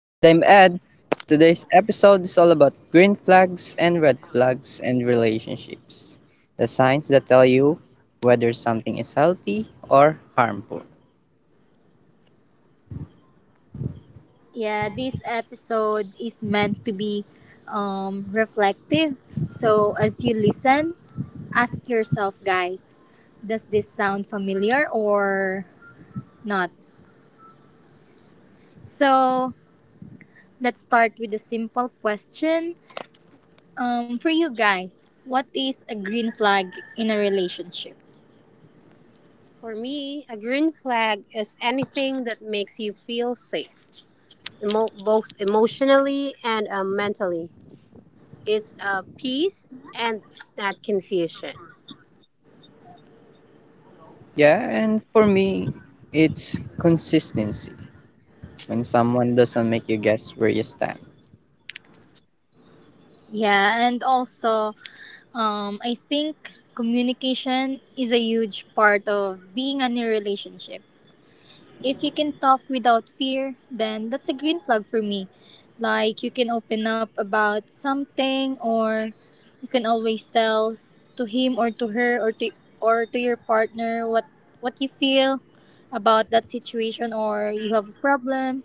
And I'm Ed. Today's episode is all about green flags and red flags and relationships. The signs that tell you whether something is healthy or harmful. Yeah, this episode is meant to be reflective. So as you listen, ask yourself, guys, does this sound familiar or not? So let's start with a simple question. For you guys, what is a green flag in a relationship? For me, a green flag is anything that makes you feel safe, both emotionally and mentally. It's a peace and not confusion. Yeah, and for me, it's consistency. When someone doesn't make you guess where you stand. Yeah, and also, I think communication is a huge part of being in a relationship. If you can talk without fear, then that's a green flag for me. Like you can open up about something, or you can always tell to him or to her or to your partner what you feel about that situation, or you have a problem.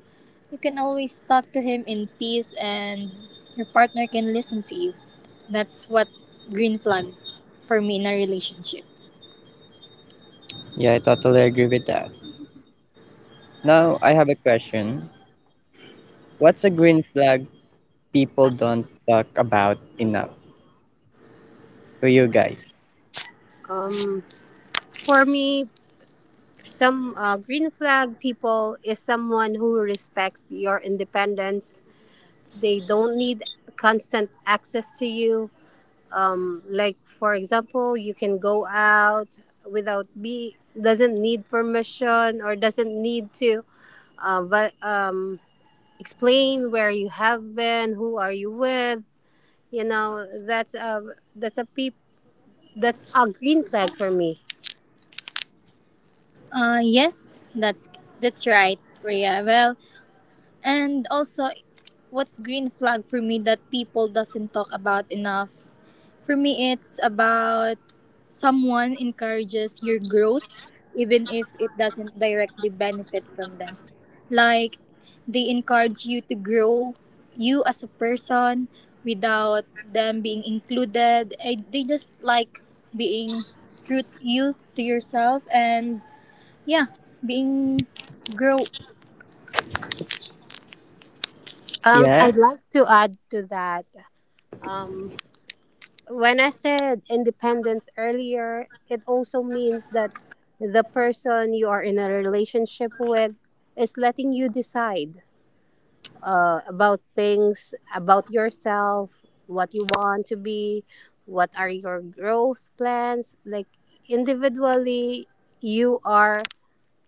You can always talk to him in peace and your partner can listen to you. That's what green flag for me in a relationship. Yeah, I totally agree with that. Now, I have a question. What's a green flag people don't talk about enough? For you guys. Um, for me, some green flag people is someone who respects your independence. They don't need constant access to you, like for example you can go out without be doesn't need permission or doesn't need to uh, va- um, explain where you have been, who are you with, you know, that's a peep that's a green flag for me. Yes, that's right, Rhea. Well, and also, what's green flag for me that people doesn't talk about enough? For me, it's about someone encourages your growth, even if it doesn't directly benefit from them. Like, they encourage you to grow you as a person without them being included. They just like being true to you to yourself and yeah, being grow. Yeah? I'd like to add to that. Um, when I said independence earlier, it also means that the person you are in a relationship with is letting you decide about things about yourself, what you want to be, what are your growth plans. Like individually, you are,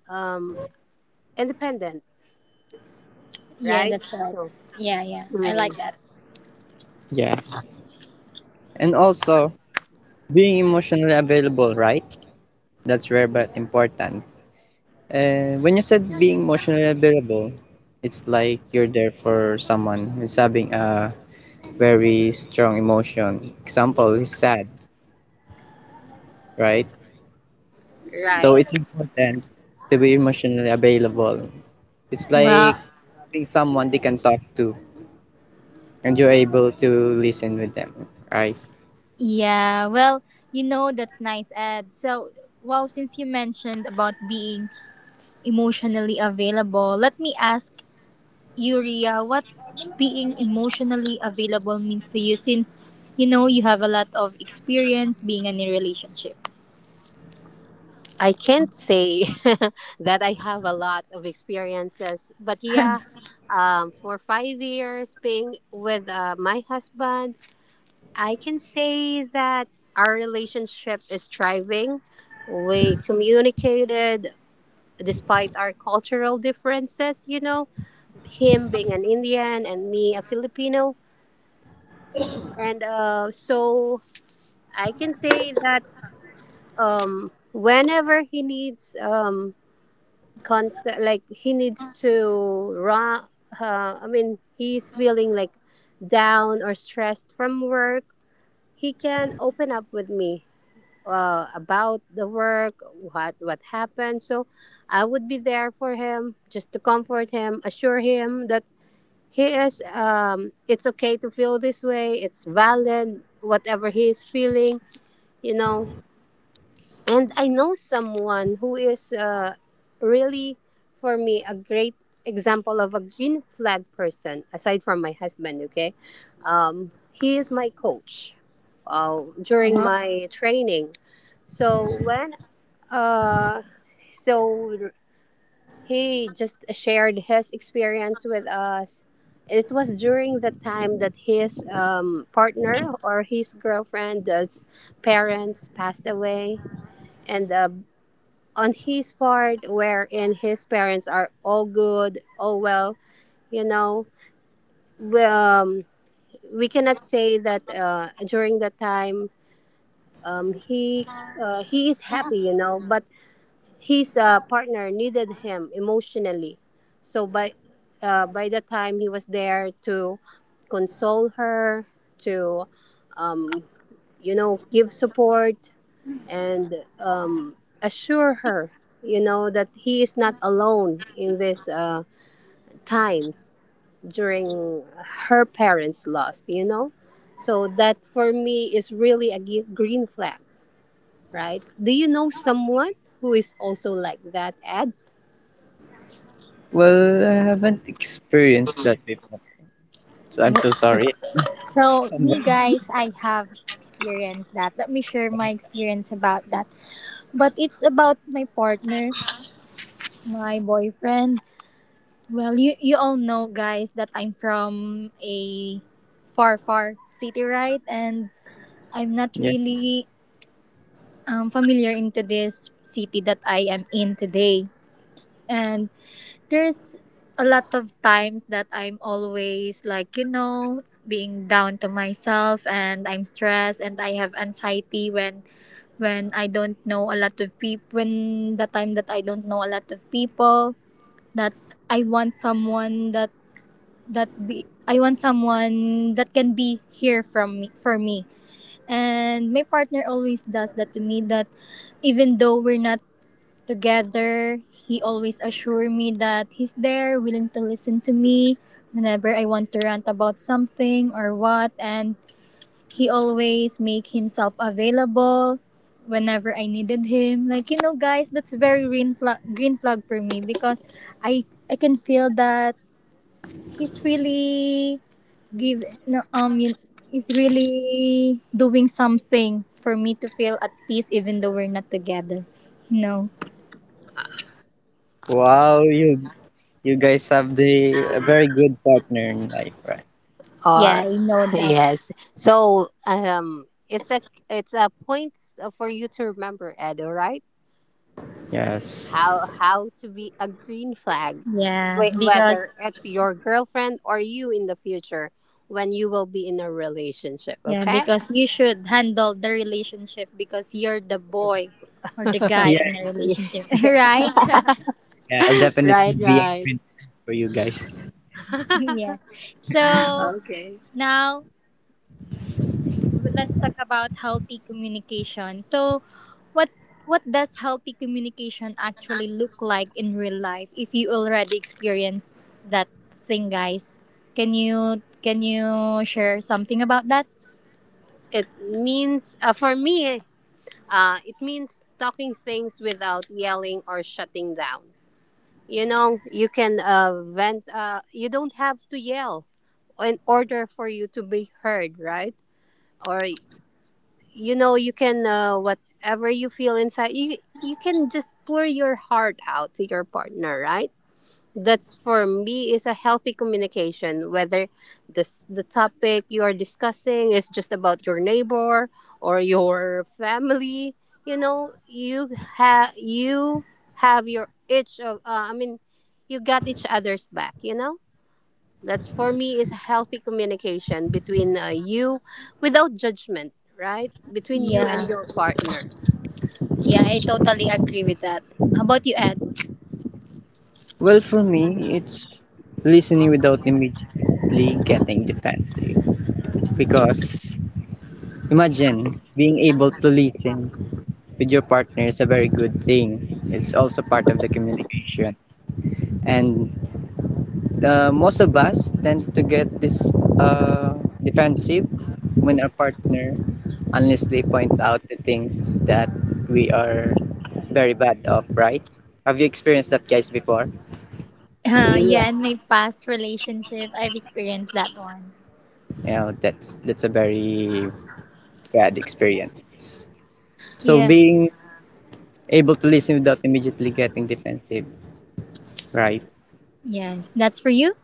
um, independent, Yeah, right? that's right. So, Yeah, yeah. I like mm, that. Yeah. And also, being emotionally available, right? That's rare but important. And when you said being emotionally available, it's like you're there for someone who's having a very strong emotion. Example is sad, right? So right. it's important to be emotionally available. It's like Well, being someone they can talk to and you're able to listen with them, right? yeah. Well, you know, that's nice, Ed. So, wow, since you mentioned about being emotionally available, let me ask you, Ria, what being emotionally available means to you since you know you have a lot of experience being in a relationship. I can't say that I have a lot of experiences, but yeah, for 5 years being with my husband, I can say that our relationship is thriving. We communicated despite our cultural differences, you know, him being an Indian and me a Filipino. And so I can say that, whenever he needs, constant, like he needs to run, I mean, he's feeling like down or stressed from work, he can open up with me about the work, what happened. So I would be there for him, just to comfort him, assure him that he is. It's okay to feel this way. It's valid, whatever he is feeling, you know. And I know someone who is really, for me, a great example of a green flag person aside from my husband. Okay, he is my coach during my training. So when uh, so he just shared his experience with us. It was during the time that his, partner or his girlfriend's parents passed away, and on his part, wherein his parents are all good, all well, you know, we, um, we cannot say that during that time, um, he he is happy, you know, but his partner needed him emotionally. So by by the time he was there to console her, to, you know, give support and, assure her, you know, that he is not alone in these times during her parents' loss. You know, so that for me is really a green flag, right? Do you know someone who is also like that, Ad? Well, I haven't experienced that before. So I'm so Wh- sorry. So, me guys, I have experienced that. Let me share my experience about that. But it's about my partner, my boyfriend. Well, you all know, guys, that I'm from a far, far city, right? And I'm not Yeah. really familiar into this city that I am in today. And there's a lot of times that I'm always like, you know, being down to myself and I'm stressed and I have anxiety when I don't know a lot of people, when the time that I don't know a lot of people, that I want someone that that be I want someone that can be here from me for me. And my partner always does that to me that even though we're not together, he always assure me that he's there, willing to listen to me whenever I want to rant about something or what, and he always make himself available whenever I needed him. Like you know guys, that's very green flag for me because I I can feel that he's really give no you, is really doing something for me to feel at peace even though we're not together. No, Wow, you guys have the a very good partner in life, right? yeah, Or I know that. yes. So, it's a, it's a point for you to remember, Ed. All right, how Yes. how to be a green flag, Yeah, because whether it's your girlfriend or you in the future when you will be in a relationship. yeah, Okay. because you should handle the relationship because you're the boy or the guy in Yeah, a relationship, Yeah. right? yeah, I'll definitely Right. be a Right. friend for you guys. Yeah. So Okay. now let's talk about healthy communication. So, what what does healthy communication actually look like in real life? If you already experienced that thing, guys, can you share something about that? It means, for me, it means talking things without yelling or shutting down. You know, you can vent. You don't have to yell in order for you to be heard, right? Or, you know, you can, whatever you feel inside you, you can just pour your heart out to your partner, right? That's for me is a healthy communication, whether this the topic you are discussing is just about your neighbor or your family. You know, you have your each of, I mean, you got each other's back, you know. That's for me is a healthy communication between, you without judgment, right, between you and Yeah, your partner. yeah, I totally agree with that. How about you, Ed? Well, for me, it's listening without immediately getting defensive. Because imagine being able to listen with your partner is a very good thing. It's also part of the communication. And the most of us tend to get this defensive when our partner unless they point out the things that we are very bad of, right? Have you experienced that, guys, before? Uh, Yeah. yeah, in my past relationship, I've experienced that one. You know, that's a very bad experience. So Yeah. being able to listen without immediately getting defensive, right? Yes, that's for you.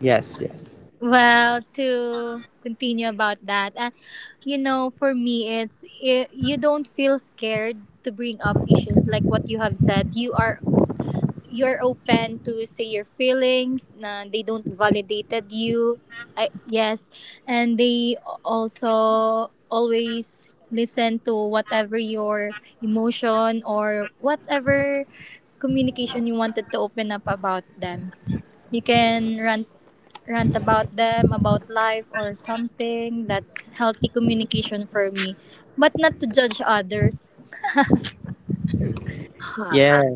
Yes, yes, Well, to continue about that, you know, for me, it's I you don't feel scared to bring up issues like what you have said. You are you're open to say your feelings. Na they don't validated you. Yes, and they also always listen to whatever your emotion or whatever communication you wanted to open up about them. You can rant about them, about life or something. That's healthy communication for me, but not to judge others. Uh-huh. yes,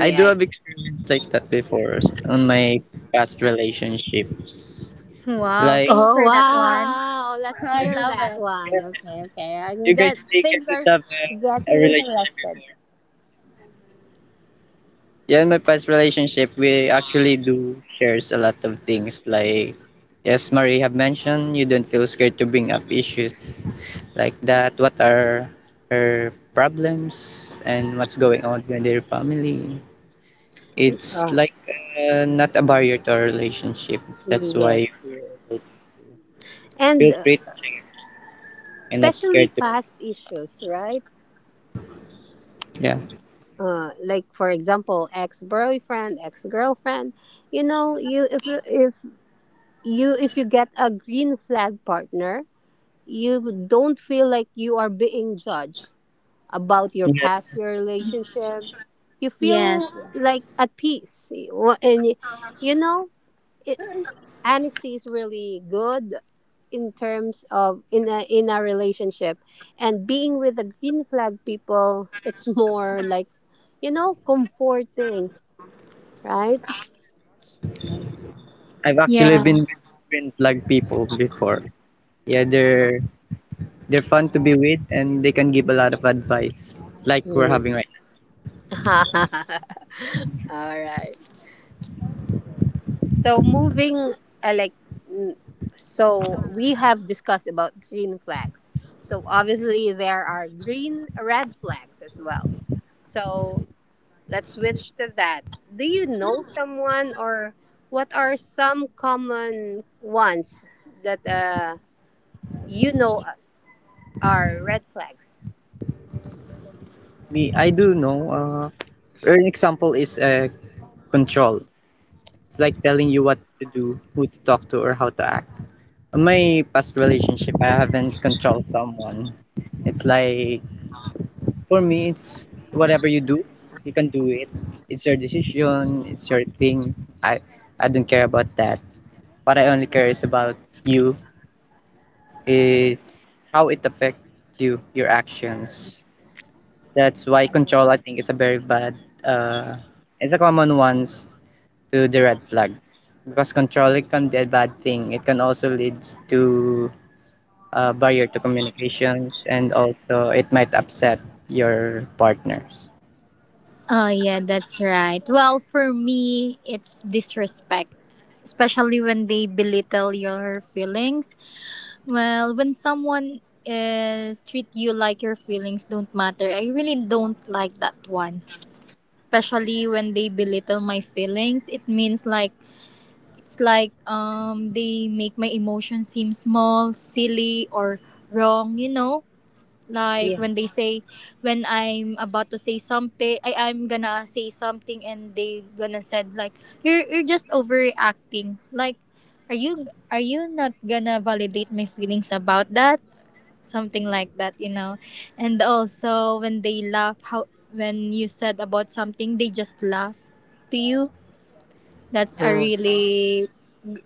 I do have experience like that before on my past relationships. Wow, Like, can you Oh share that one? wow! Let's I hear love that it. one. Okay, okay. I can you guys get think things I are have a getting relationship interested. before? Yeah, in my past relationship, we actually do shares a lot of things. Like, yes, Marie have mentioned you don't feel scared to bring up issues like that. What are her problems and what's going on with their family? It's Ah, like not a barrier to our relationship. That's yes, why yes. you And, feel free to share and not especially scared to. past issues, right? Yeah, Like for example, ex boyfriend, ex girlfriend. You know, you if you- if you if you get a green flag partner, you don't feel like you are being judged about your yeah. past your relationship. You Yes, feel yes. like at peace. You know it, honesty is really good in terms of in a relationship, and being with the green flag people, it's more like, you know, comforting, right? I've actually Yeah. been like people before. Yeah, they're fun to be with and they can give a lot of advice like we're Mm. having right now. All right. So moving, uh, like, n- so we have discussed about green flags. So obviously there are green red flags as well. So let's switch to that. Do you know someone, or what are some common ones that, you know, are red flags? Me, I do know. An example is control. It's like telling you what to do, who to talk to, or how to act. In my past relationship, I haven't controlled someone. It's like, for me, it's whatever you do, you can do it. It's your decision, it's your thing. I, I don't care about that. What I only care is about you, is how it affects you, your actions. That's why control, I think, is a very bad. Uh, it's a common ones to the red flags, because control it can be a bad thing. It can also leads to barrier to communications, and also it might upset your partners. Oh, yeah, that's right. Well, for me, it's disrespect, especially when they belittle your feelings. Well, when someone is treat you like your feelings don't matter, I really don't like that one, especially when they belittle my feelings. It means like it's like they make my emotions seem small, silly or wrong, you know? Like Yeah. when they say when I'm about to say something, I'm gonna say something and they gonna said like you're just overreacting. Like are you not gonna validate my feelings about that? Something like that, you know. And also when they laugh, how when you said about something they just laugh to you, that's a Uh, really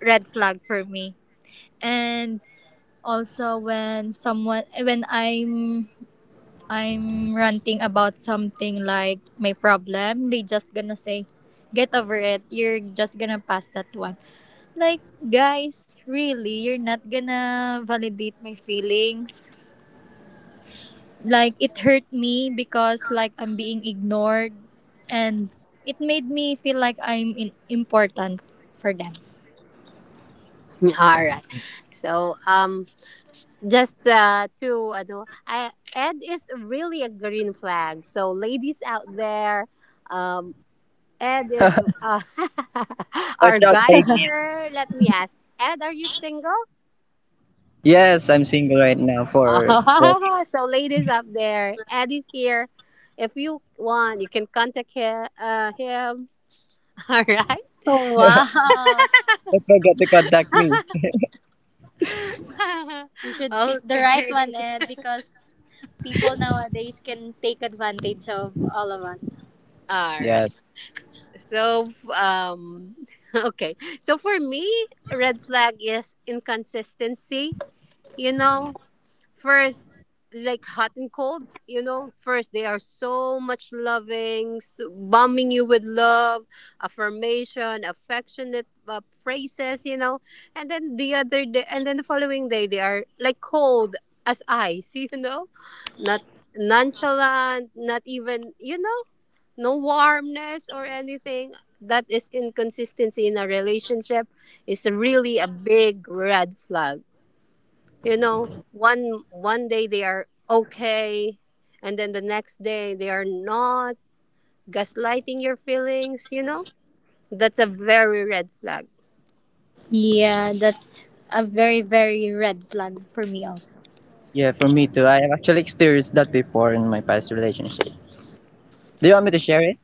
red flag for me. And also when someone, when I'm ranting about something like my problem, they just gonna say, get over it, you're just gonna pass that one. Like, guys, really, you're not gonna validate my feelings? Like, it hurt me because like I'm being ignored, and it made me feel like I'm important for them. all right. So, just to ano, I, Ed is really a green flag. So ladies out there, um, Ed is Watch our out, guy ladies. here. Let me ask, Ed, are you single? Yes, I'm single right now for 4 weeks. Oh, so ladies up there, Ed is here. If you want, you can contact him. Him. All right. Oh, wow. Don't forget to contact me. You should pick the right Okay. one, Ed, because people nowadays can take advantage of all of us. All Yeah, right. So, okay. So for me, red flag is inconsistency. You know, first, like hot and cold. You know, first they are so much loving, so bombing you with love, affirmation, affectionate phrases. You know, and then the other day, and then the following day, they are like cold as ice. You know, not nonchalant, not even. You know, no warmness or anything. That is inconsistency in a relationship, is really a big red flag. You know, one day they are okay, and then the next day they are not, gaslighting your feelings, you know. That's a very red flag. Yeah, that's a very very red flag for me also. yeah, for me too. I have actually experienced that before in my past relationships. Do you want me to share it?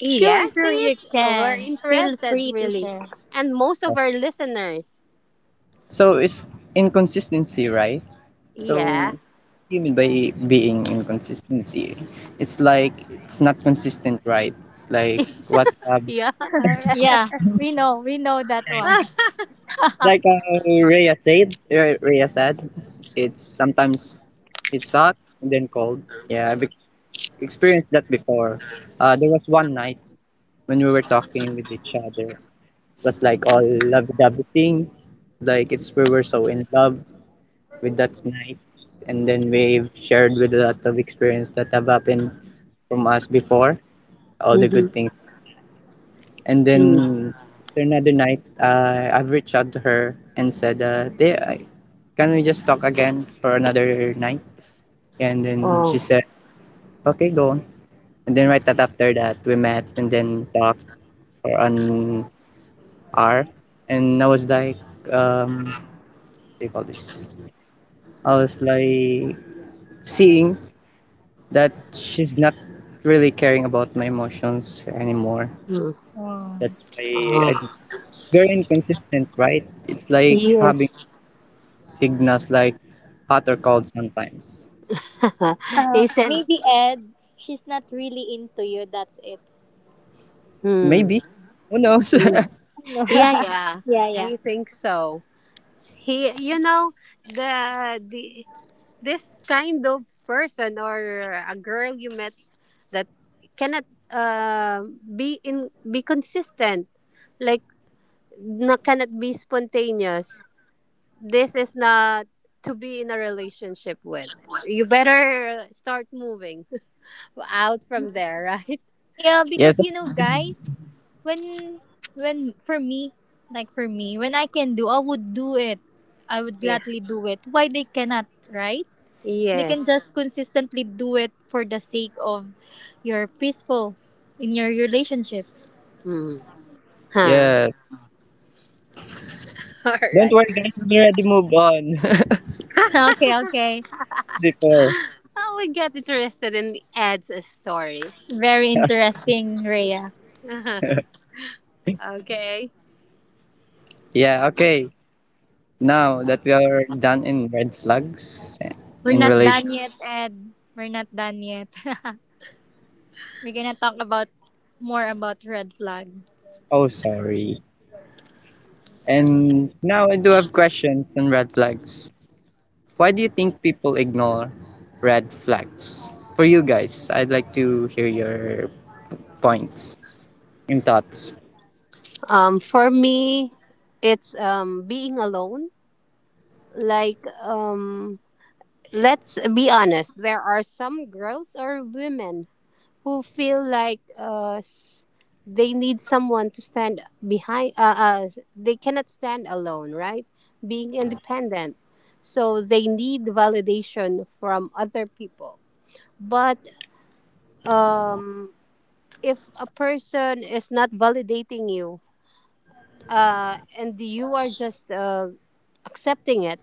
Yeah, Sure, sure you please, we're can. Feel interested, free to really. share. And most of our listeners. So it's inconsistency, right? So Yeah, what do you mean by being inconsistency? It's like it's not consistent, right? Like what's up? yeah. Yeah, we know Yeah, that one. yeah. Like Rhea said, Rhea said, it's sometimes it's hot and then cold. Yeah, experienced that before. There was one night when we were talking with each other. It was like all love dovey thing. Like it's we were so in love with that night. And then we've shared with a lot of experience that have happened from us before, all the good Mhm. things. And Mm. then another night, I've reached out to her and said, "Hey, can we just talk again for another night?" And then she Oh. said, okay, go on. And then right that after that, we met and then talked for an hour. And I was like, what do you call this? I was like seeing that she's not really caring about my emotions anymore. Mm. Oh. That's why I, Ah. very inconsistent, right? It's like having Yes. signals like hot or cold sometimes. He said, Maybe Ed, she's not really into you. That's it. hmm. Maybe. Who knows? No. Yeah, yeah. Yeah, yeah. I think so. He You know, the this kind of person or a girl you met that cannot be in be consistent. Like, not, cannot be spontaneous. This is not to be in a relationship with. You better start moving out from there, right? Yeah, Yes. because you know, guys, when when for me, like for me, when I can do, I would do it. I would Yeah. gladly do it. Why they cannot, right? They can Yes. just consistently do it for the sake of your peaceful in your relationship. Hmm. Huh. Yeah. All Don't right. worry, guys. We already moved on Okay, okay. before. How we get interested in adds a story. Very interesting, Rhea. Okay. Yeah. Okay. Now that we are done in red flags We're in not relation. done yet, Ed. We're not done yet. We're gonna talk about more about red flag. Oh, sorry. And now I do have questions on red flags. Why do you think people ignore red flags? For you guys, I'd like to hear your points and thoughts. For me, it's, being alone. Like, let's be honest. There are some girls or women who feel like they need someone to stand behind. They cannot stand alone, right? Being independent, so they need validation from other people. But, um if a person is not validating you, and you are just, accepting it,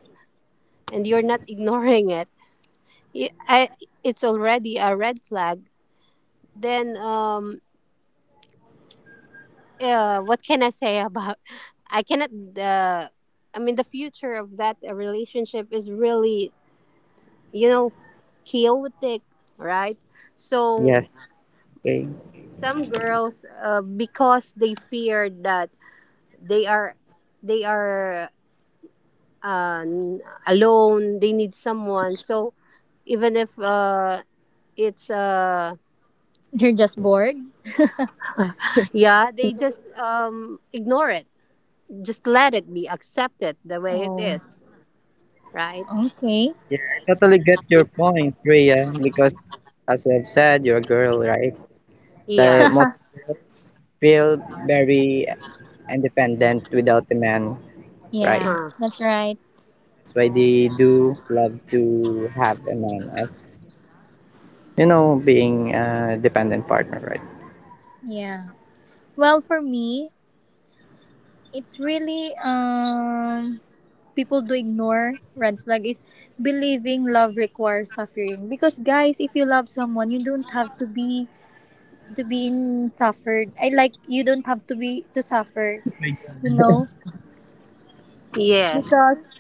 and you're not ignoring it, i I- it's already a red flag. Then, what can I say about I cannot, uh, I mean, the future of that relationship is really, you know, chaotic, right? Yes, So okay. some girls, because they fear that they are they are alone. They need someone. So even if, it's You're just bored? yeah, they just, ignore it. Just let it be. Accept it the way it Oh. is. Right? Okay. Yeah, I totally get your point, Rhea, because as you have said, you're a girl, right? The Yeah. most girls feel very independent without a man, right? Yeah, that's right. That's why they do love to have a man as, being a dependent partner, right? Yeah. Well, for me, it's really people do ignore red flag is believing love requires suffering, because guys, if you love someone you don't have to be in suffered, I like you don't have to be to suffer, you know. Yes. Because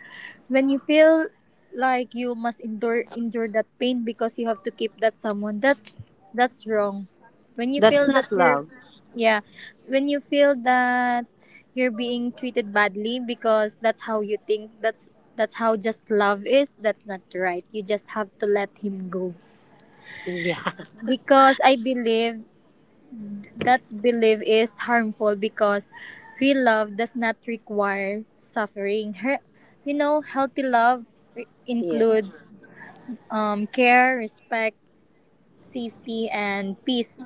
when you feel like you must endure that pain because you have to keep that someone, that's wrong. When you That's feel that not you're love. yeah, when you feel that you're being treated badly because that's how you think that's how just love is, that's not right, you just have to let him go. Yeah. Because I believe that belief is harmful because real love does not require suffering. Her, you know, healthy love Yes. includes care, respect, safety, and peace,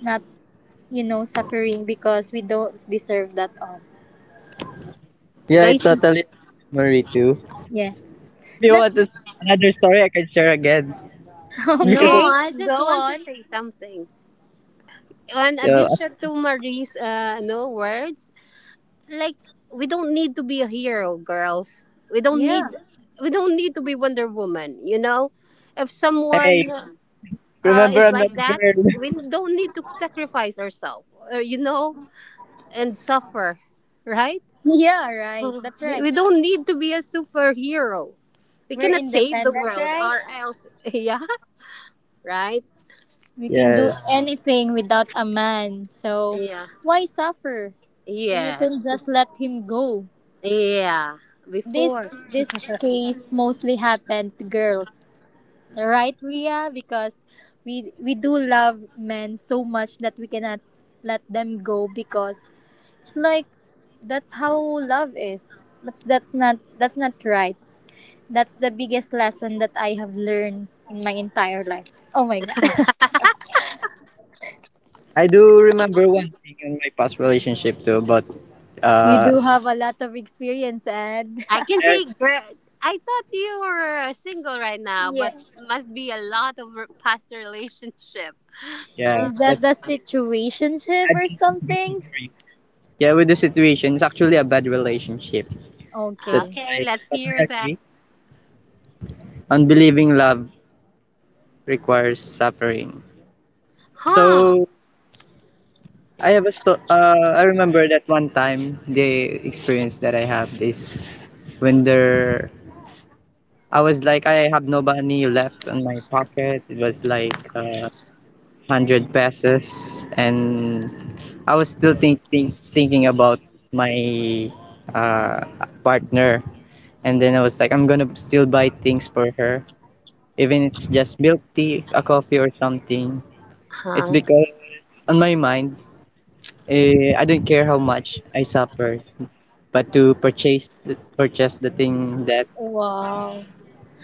not, you know, suffering because we don't deserve that all. Yeah, I Guys, totally agree, Marie too. Yeah. If you want That's to, another story, I can share again. no, Because I, okay. I Go just want to on. say something. In so, addition to Marie's, no words, like, we don't need to be a hero, girls. We don't need Yeah. we don't need to be wonder woman, you know. If someone hey, remember is I'm not like a that, girl. we don't need to sacrifice ourselves, you know, and suffer, right? Yeah, right. That's right. We don't need to be a superhero. We We're cannot save the independent, world right? or else. Yeah. Right. We can do Yes. anything without a man. So Yeah. why suffer when you Yes. can just let him go? Yeah. Before. This case mostly happened to girls. Right, Ria? Because we do love men so much that we cannot let them go because it's like that's how love is. But that's not right. That's the biggest lesson that I have learned in my entire life. Oh my god. I do remember one thing in my past relationship too, but You do uh, have a lot of experience and I can yes, say, girl, I thought you were, single right now, but yeah. must be a lot of past relationship. yeah, Is that that's the why situationship I've or been single something? for you. Yeah, with the situation, it's actually a bad relationship. Huh? That's Okay. Okay, why let's I totally hear that. agree. Unbelieving love requires suffering. Huh? So I have I remember that one time the experience that I have is when there I was like, I have no money left in my pocket. It was like hundred pesos, and I was still thinking about my uh, partner. And then I was like, I'm gonna still buy things for her, even it's just milk tea, a coffee, or something. It's Huh? because on my mind, I don't care how much I suffer, but to purchase the thing that Wow.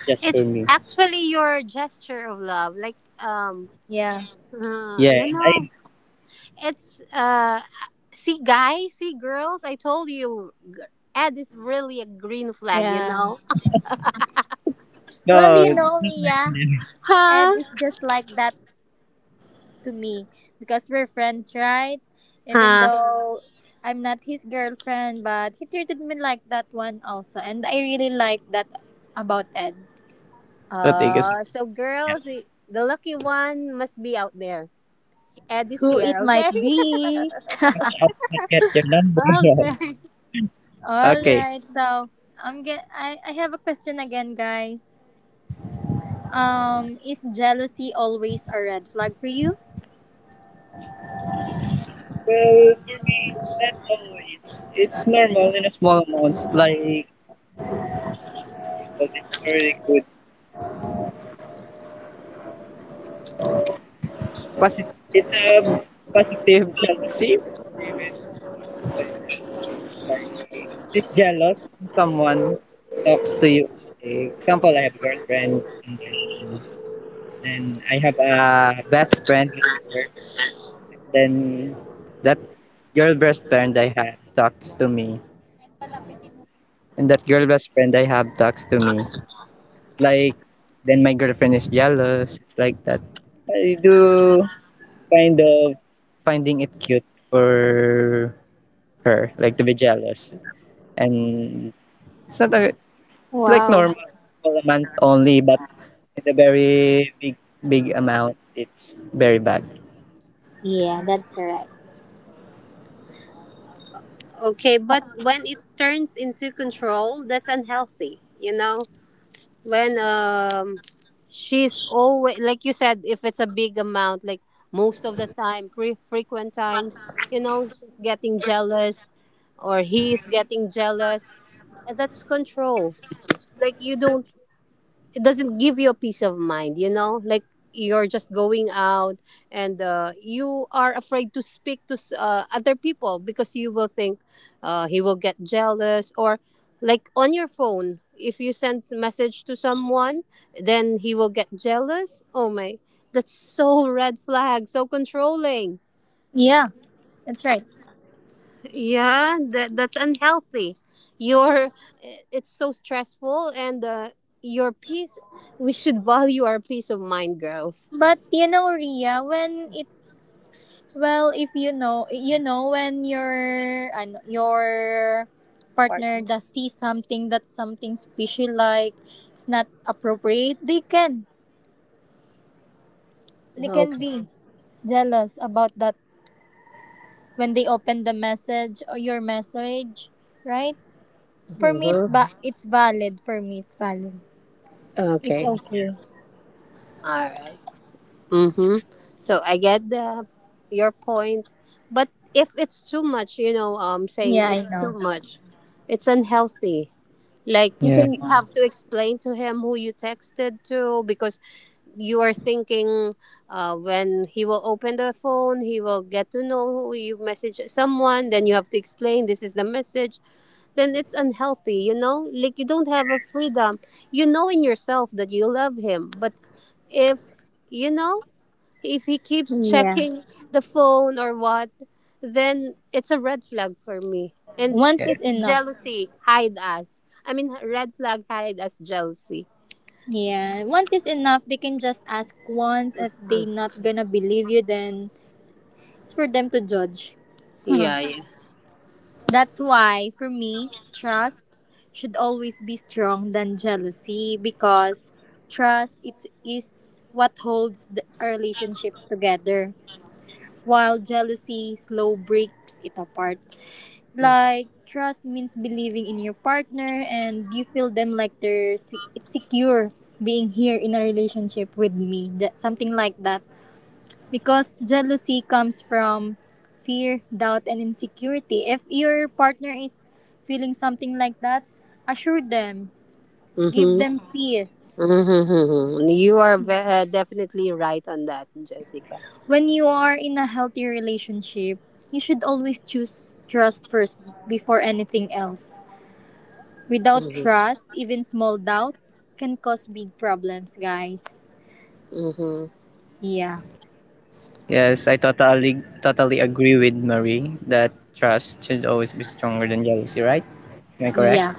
just for It's me. actually your gesture of love. Like, Yeah. Yeah, you and know, I it's, see, guys, see, girls. I told you, Ed is really a green flag. You Yeah. know? Well, no. you know, Ria, Ed Huh? is just like that to me because we're friends, right? Even Huh? though I'm not his girlfriend, but he treated me like that one also. And I really like that about Ed. Rodriguez. So girls, the lucky one must be out there. Ed is Who here, it might okay? be. Watch out, I get your number. Okay. All Okay. right. So, I'm get I have a question again, guys. Is jealousy always a red flag for you? Well, for me, not always. It's normal in a small amounts, like people, it's very good. It's a positive, shall we say, positive influence, like, it's jealous when someone talks to you. Like, example, I have a girlfriend, and then I have a best friend, with her, and then that girl best friend I have talks to me And that girl best friend I have talks to me. It's like then my girlfriend is jealous. It's like that. I do kind of finding it cute for her, like to be jealous. And it's not a, it's like Wow. normal for a month only, but in a very big amount, it's very bad. Yeah, that's right. Okay, but when it turns into control, that's unhealthy, you know? When, she's always like you said, if it's a big amount, like most of the time, frequent times, you know, she's getting jealous or he's getting jealous. And That's control. Like, you don't it doesn't give you a peace of mind, you know. Like, you're just going out, and, you are afraid to speak to other people, because you will think, he will get jealous, or like on your phone, if you send a message to someone, then he will get jealous. Oh my, that's so red flag, so controlling. Yeah, that's right. Yeah, that that's unhealthy. You're It's so stressful, and, your peace we should value our peace of mind, girls. But you know, Ria, when it's well, if you know, you know when your ano, your partner does see something that's something special, like it's not appropriate, they can Okay. be jealous about that, when they open the message or your message, right? For me, it's Mhm. ba it's valid. For me, it's valid. It's Okay. okay. All right. Mhm. So I get the your point, but if it's too much, you know, saying Yeah, I it's too know. much, it's unhealthy. Like You Yeah. can. you have to explain to him who you texted to because you are thinking when he will open the phone he will get to know who you message someone, then you have to explain this is the message, then it's unhealthy, you know? Like you don't have a freedom, you know, in yourself that you love him. But if, you know, if he keeps Yeah, checking the phone or what, then it's a red flag for me and once Yeah. is it's enough. jealousy hide us. I mean red flag hide us jealousy. Yeah, once is enough. They can just ask once. If they Mm. not gonna believe you, then it's for them to judge. Yeah, yeah. That's why, for me, trust should always be strong than jealousy, because trust it is what holds the, a relationship together, while jealousy slow breaks it apart. Like trust means believing in your partner and you feel them like it's secure being here in a relationship with me. That something like that. Because jealousy comes from fear, doubt and insecurity. If your partner is feeling something like that, assure them, give them Mm-hmm. peace. Mm-hmm. You are definitely right on that, Jessica. When you are in a healthy relationship, you should always choose trust first before anything else. Without Mm-hmm. trust, even small doubt can cause big problems, guys. Mm-hmm. Yeah. Yes, I totally agree with Marie that trust should always be stronger than jealousy, right? Am I correct? Yeah.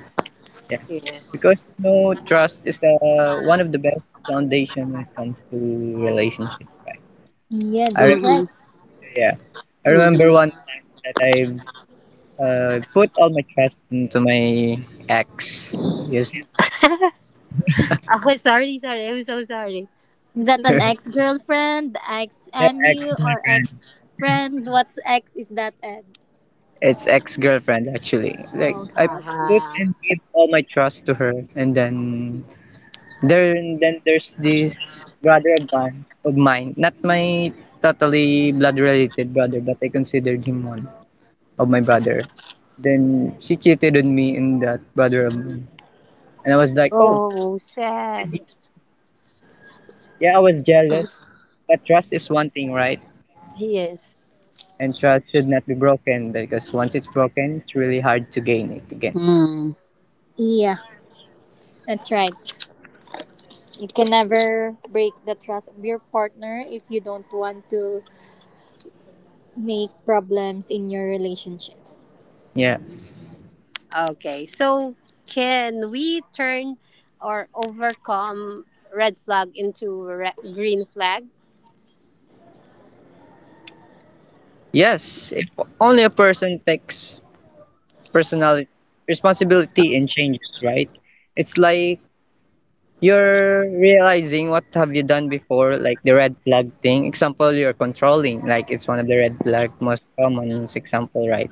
Yeah. Yes. Because you know, trust is one of the best foundation when it comes to relationship, right? Yeah, I that's remember, Mm-hmm. right. yeah, I remember Mm-hmm. one time that I put all my trust into my ex. Yes, Okay, sorry, sorry. I'm so sorry. Is that an ex girlfriend, ex yeah, ex MU, or girlfriend. ex friend? What's ex is that, Ed? It's ex girlfriend actually. Like Oh, I okay, put okay. Uh-huh. and give all my trust to her, and then there then there's this brother of mine, not my totally blood related brother, but I considered him one of my brother. Then she cheated on me and that brother of mine. And I was like, oh, Oh, sad. yeah, I was jealous. But trust is one thing, right? Yes. And trust should not be broken, because once it's broken, it's really hard to gain it again. Mm. Yeah, that's right. You can never break the trust of your partner if you don't want to make problems in your relationship. Yeah. Okay, so can we turn or overcome red flag into green flag? Yes, if only a person takes personality responsibility and changes, right? It's like you're realizing what have you done before, like the red flag thing. Example, you're controlling, like it's one of the red flag most common example, right?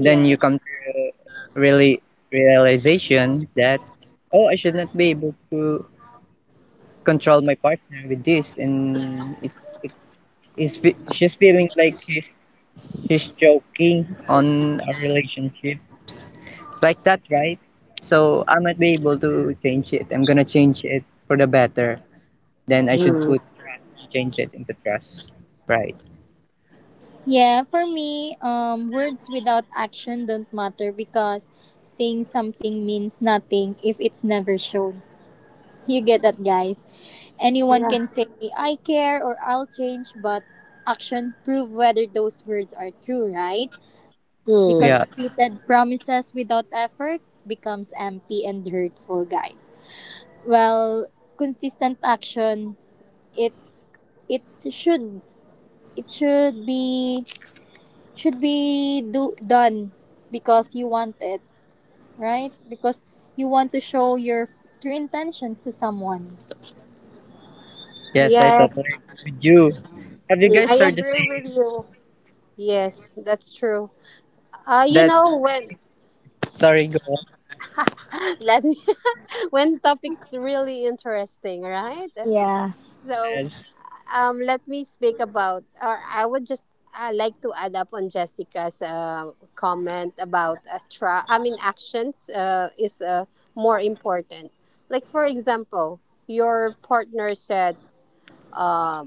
Then you come to really realization that, oh, I should not be able to control my partner with this, and it is she's feeling like she's joking on our relationships like that, right? So I might be able to change it. I'm gonna change it for the better, then I should Mm. put trust, change it into trust. Right. Yeah, for me, words without action don't matter because saying something means nothing if it's never shown. You get that, guys? Anyone can Yes. say, I care or I'll change, but action prove whether those words are true, right? Because Yeah. Mm. repeated promises without effort becomes empty and hurtful, guys. Well, consistent action, it's it should it should be do done because you want it, right? Because you want to show your true intentions to someone. Yes, I Yes. totally agree with you. Have you Mm, I guys heard the agree with saying you. Yes, that's true. You that know when sorry go on let me when topics really interesting, right? Yeah. So as um, let me speak about, or I would just like to add up on Jessica's comment about I mean actions is more important. Like for example, your partner said uh,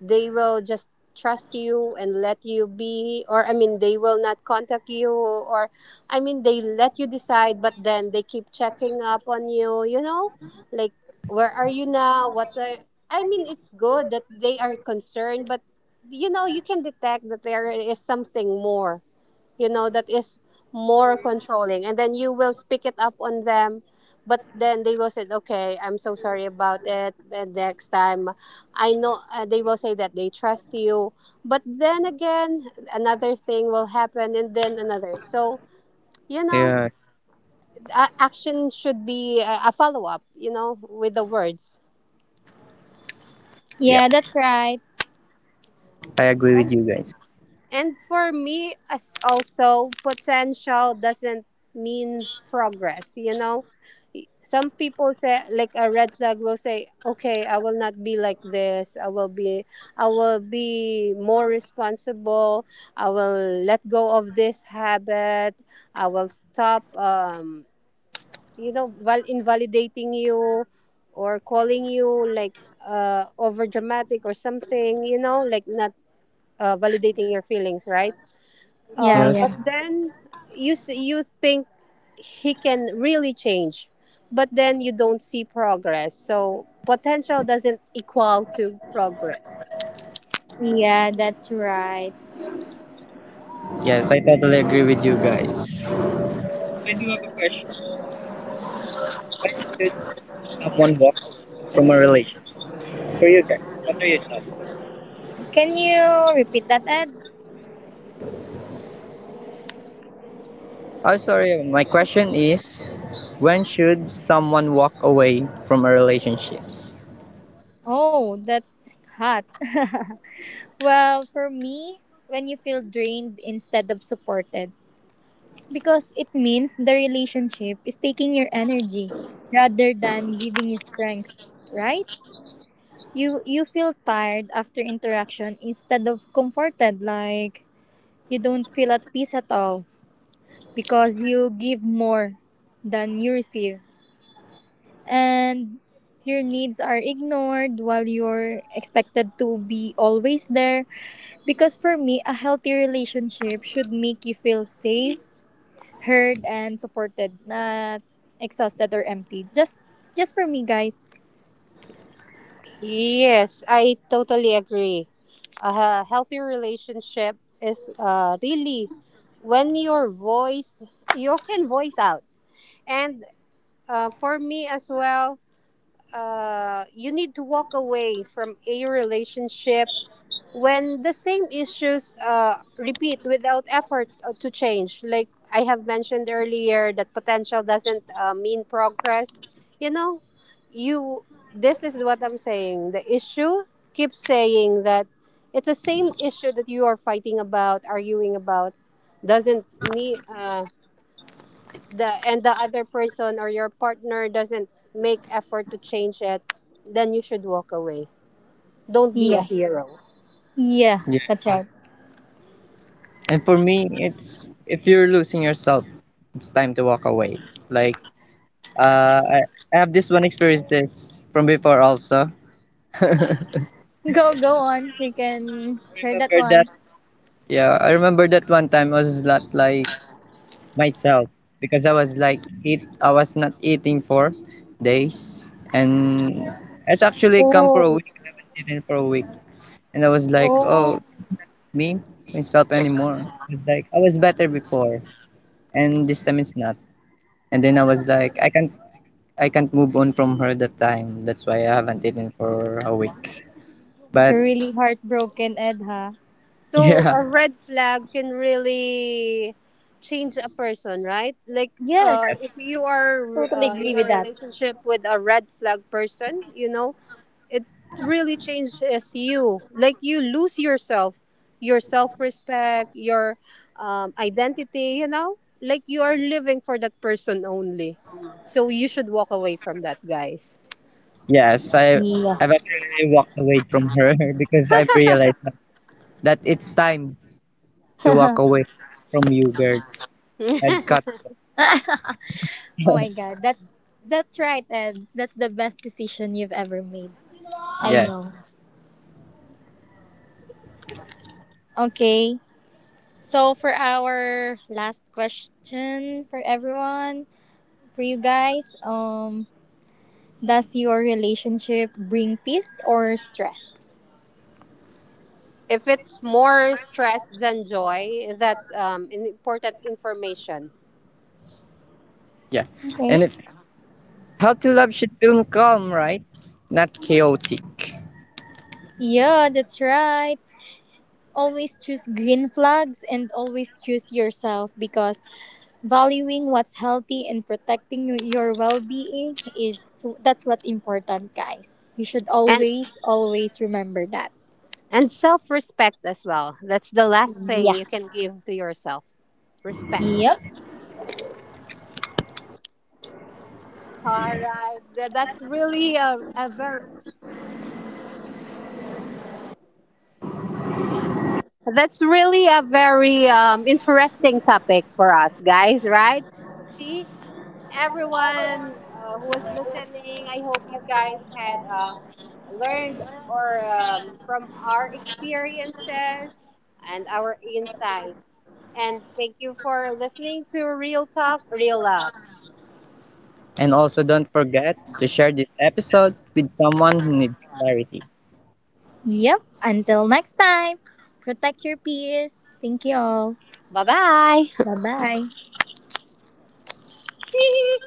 they will just trust you and let you be, or I mean they will not contact you, or I mean they let you decide, but then they keep checking up on you, you know, like where are you now, what are, I mean it's good that they are concerned, but you know you can detect that there is something more, you know, that is more controlling. And then you will speak it up on them, but then they will say, okay, I'm so sorry about it, and next time, I know they will say that they trust you. But then again another thing will happen, and then another. So you know, yeah action should be a follow-up, you know, with the words. yeah Yeah, that's right. I agree with you guys. And for me, as also, potential doesn't mean progress. You know, some people say, like a red flag will say, okay, I will not be like this. I will be more responsible. I will let go of this habit. I will stop, you know, invalidating you, or calling you like over dramatic or something, you know, like not validating your feelings, right? Yeah, But Yes. yeah. then you think he can really change, but then you don't see progress. So potential doesn't equal to progress. Yeah, that's right. Yes, I totally agree with you guys. When should someone walk away from a relationship? For you guys, what are your thoughts? Can you repeat that, Ed? Oh, sorry. My question is, when should someone walk away from a relationships? Oh, that's hot. Well, for me, when you feel drained instead of supported, because it means the relationship is taking your energy rather than giving you strength, right? You feel tired after interaction instead of comforted, like you don't feel at peace at all because you give more than you receive and your needs are ignored while you're expected to be always there. Because for me a healthy relationship should make you feel safe, heard and supported, not exhausted or empty. Just for me guys. Yes, I totally agree. A healthy relationship is really when your voice, you can voice out. And for me as well, you need to walk away from a relationship when the same issues repeat without effort to change. Like I have mentioned earlier, that potential doesn't mean progress. You know, you. This is what I'm saying. The issue keeps saying that it's the same issue that you are fighting about, arguing about, doesn't need. The and the other person or your partner doesn't make effort to change it, then you should walk away. Don't be a Yeah. hero. Yeah, that's right. And for me, it's if you're losing yourself, it's time to walk away. Like uh, I, I have this one experiences from before also. I Go, go on. You can share that remember one. that. Yeah, I remember that one time I was not like myself, because I was like eat. I was not eating for days, and it's actually come for a Oh, week. I haven't eaten for a week, and I was like, oh, oh. me myself anymore. I was like I was better before, and this time it's not. And then I was like, I can't move on from her that time. That's why I haven't eaten for a week. But You're really heartbroken, Ed, huh? So yeah, a red flag can really change a person, right? Like Yes, yes, if you are totally in agree a with that. relationship with a red flag person, you know, it really changes you. Like you lose yourself, your self respect, your identity, you know? Like you are living for that person only. So you should walk away from that, guys. yes. I've Yes. actually walked away from her because I've realized that it's time to walk Oh away from you, girl. I've cut. If my God, that's right, Ed. That's the best decision you've ever made. I Yeah, know. Okay. So for our last question for everyone, for you guys, does your relationship bring peace or stress? it's more stress than joy, that's an important information. yeah. Okay. And if how to love should feel calm, right? Not chaotic. Yeah, that's right. Always choose green flags and always choose yourself, because valuing what's healthy and protecting your well-being is that's what important guys, you should And always always remember that. and self-respect as well. That's the last thing Yeah. you can give to yourself. Respect. Yep. All right. That's really a very That's really a very interesting topic for us, guys, right? See, everyone who was listening, I hope you guys had learned or from our experiences and our insights. And thank you for listening to Real Talk, Real Love. And also, don't forget to share this episode with someone who needs clarity. Yep, until next time, protect your peace, thank you all, Bye bye. bye bye.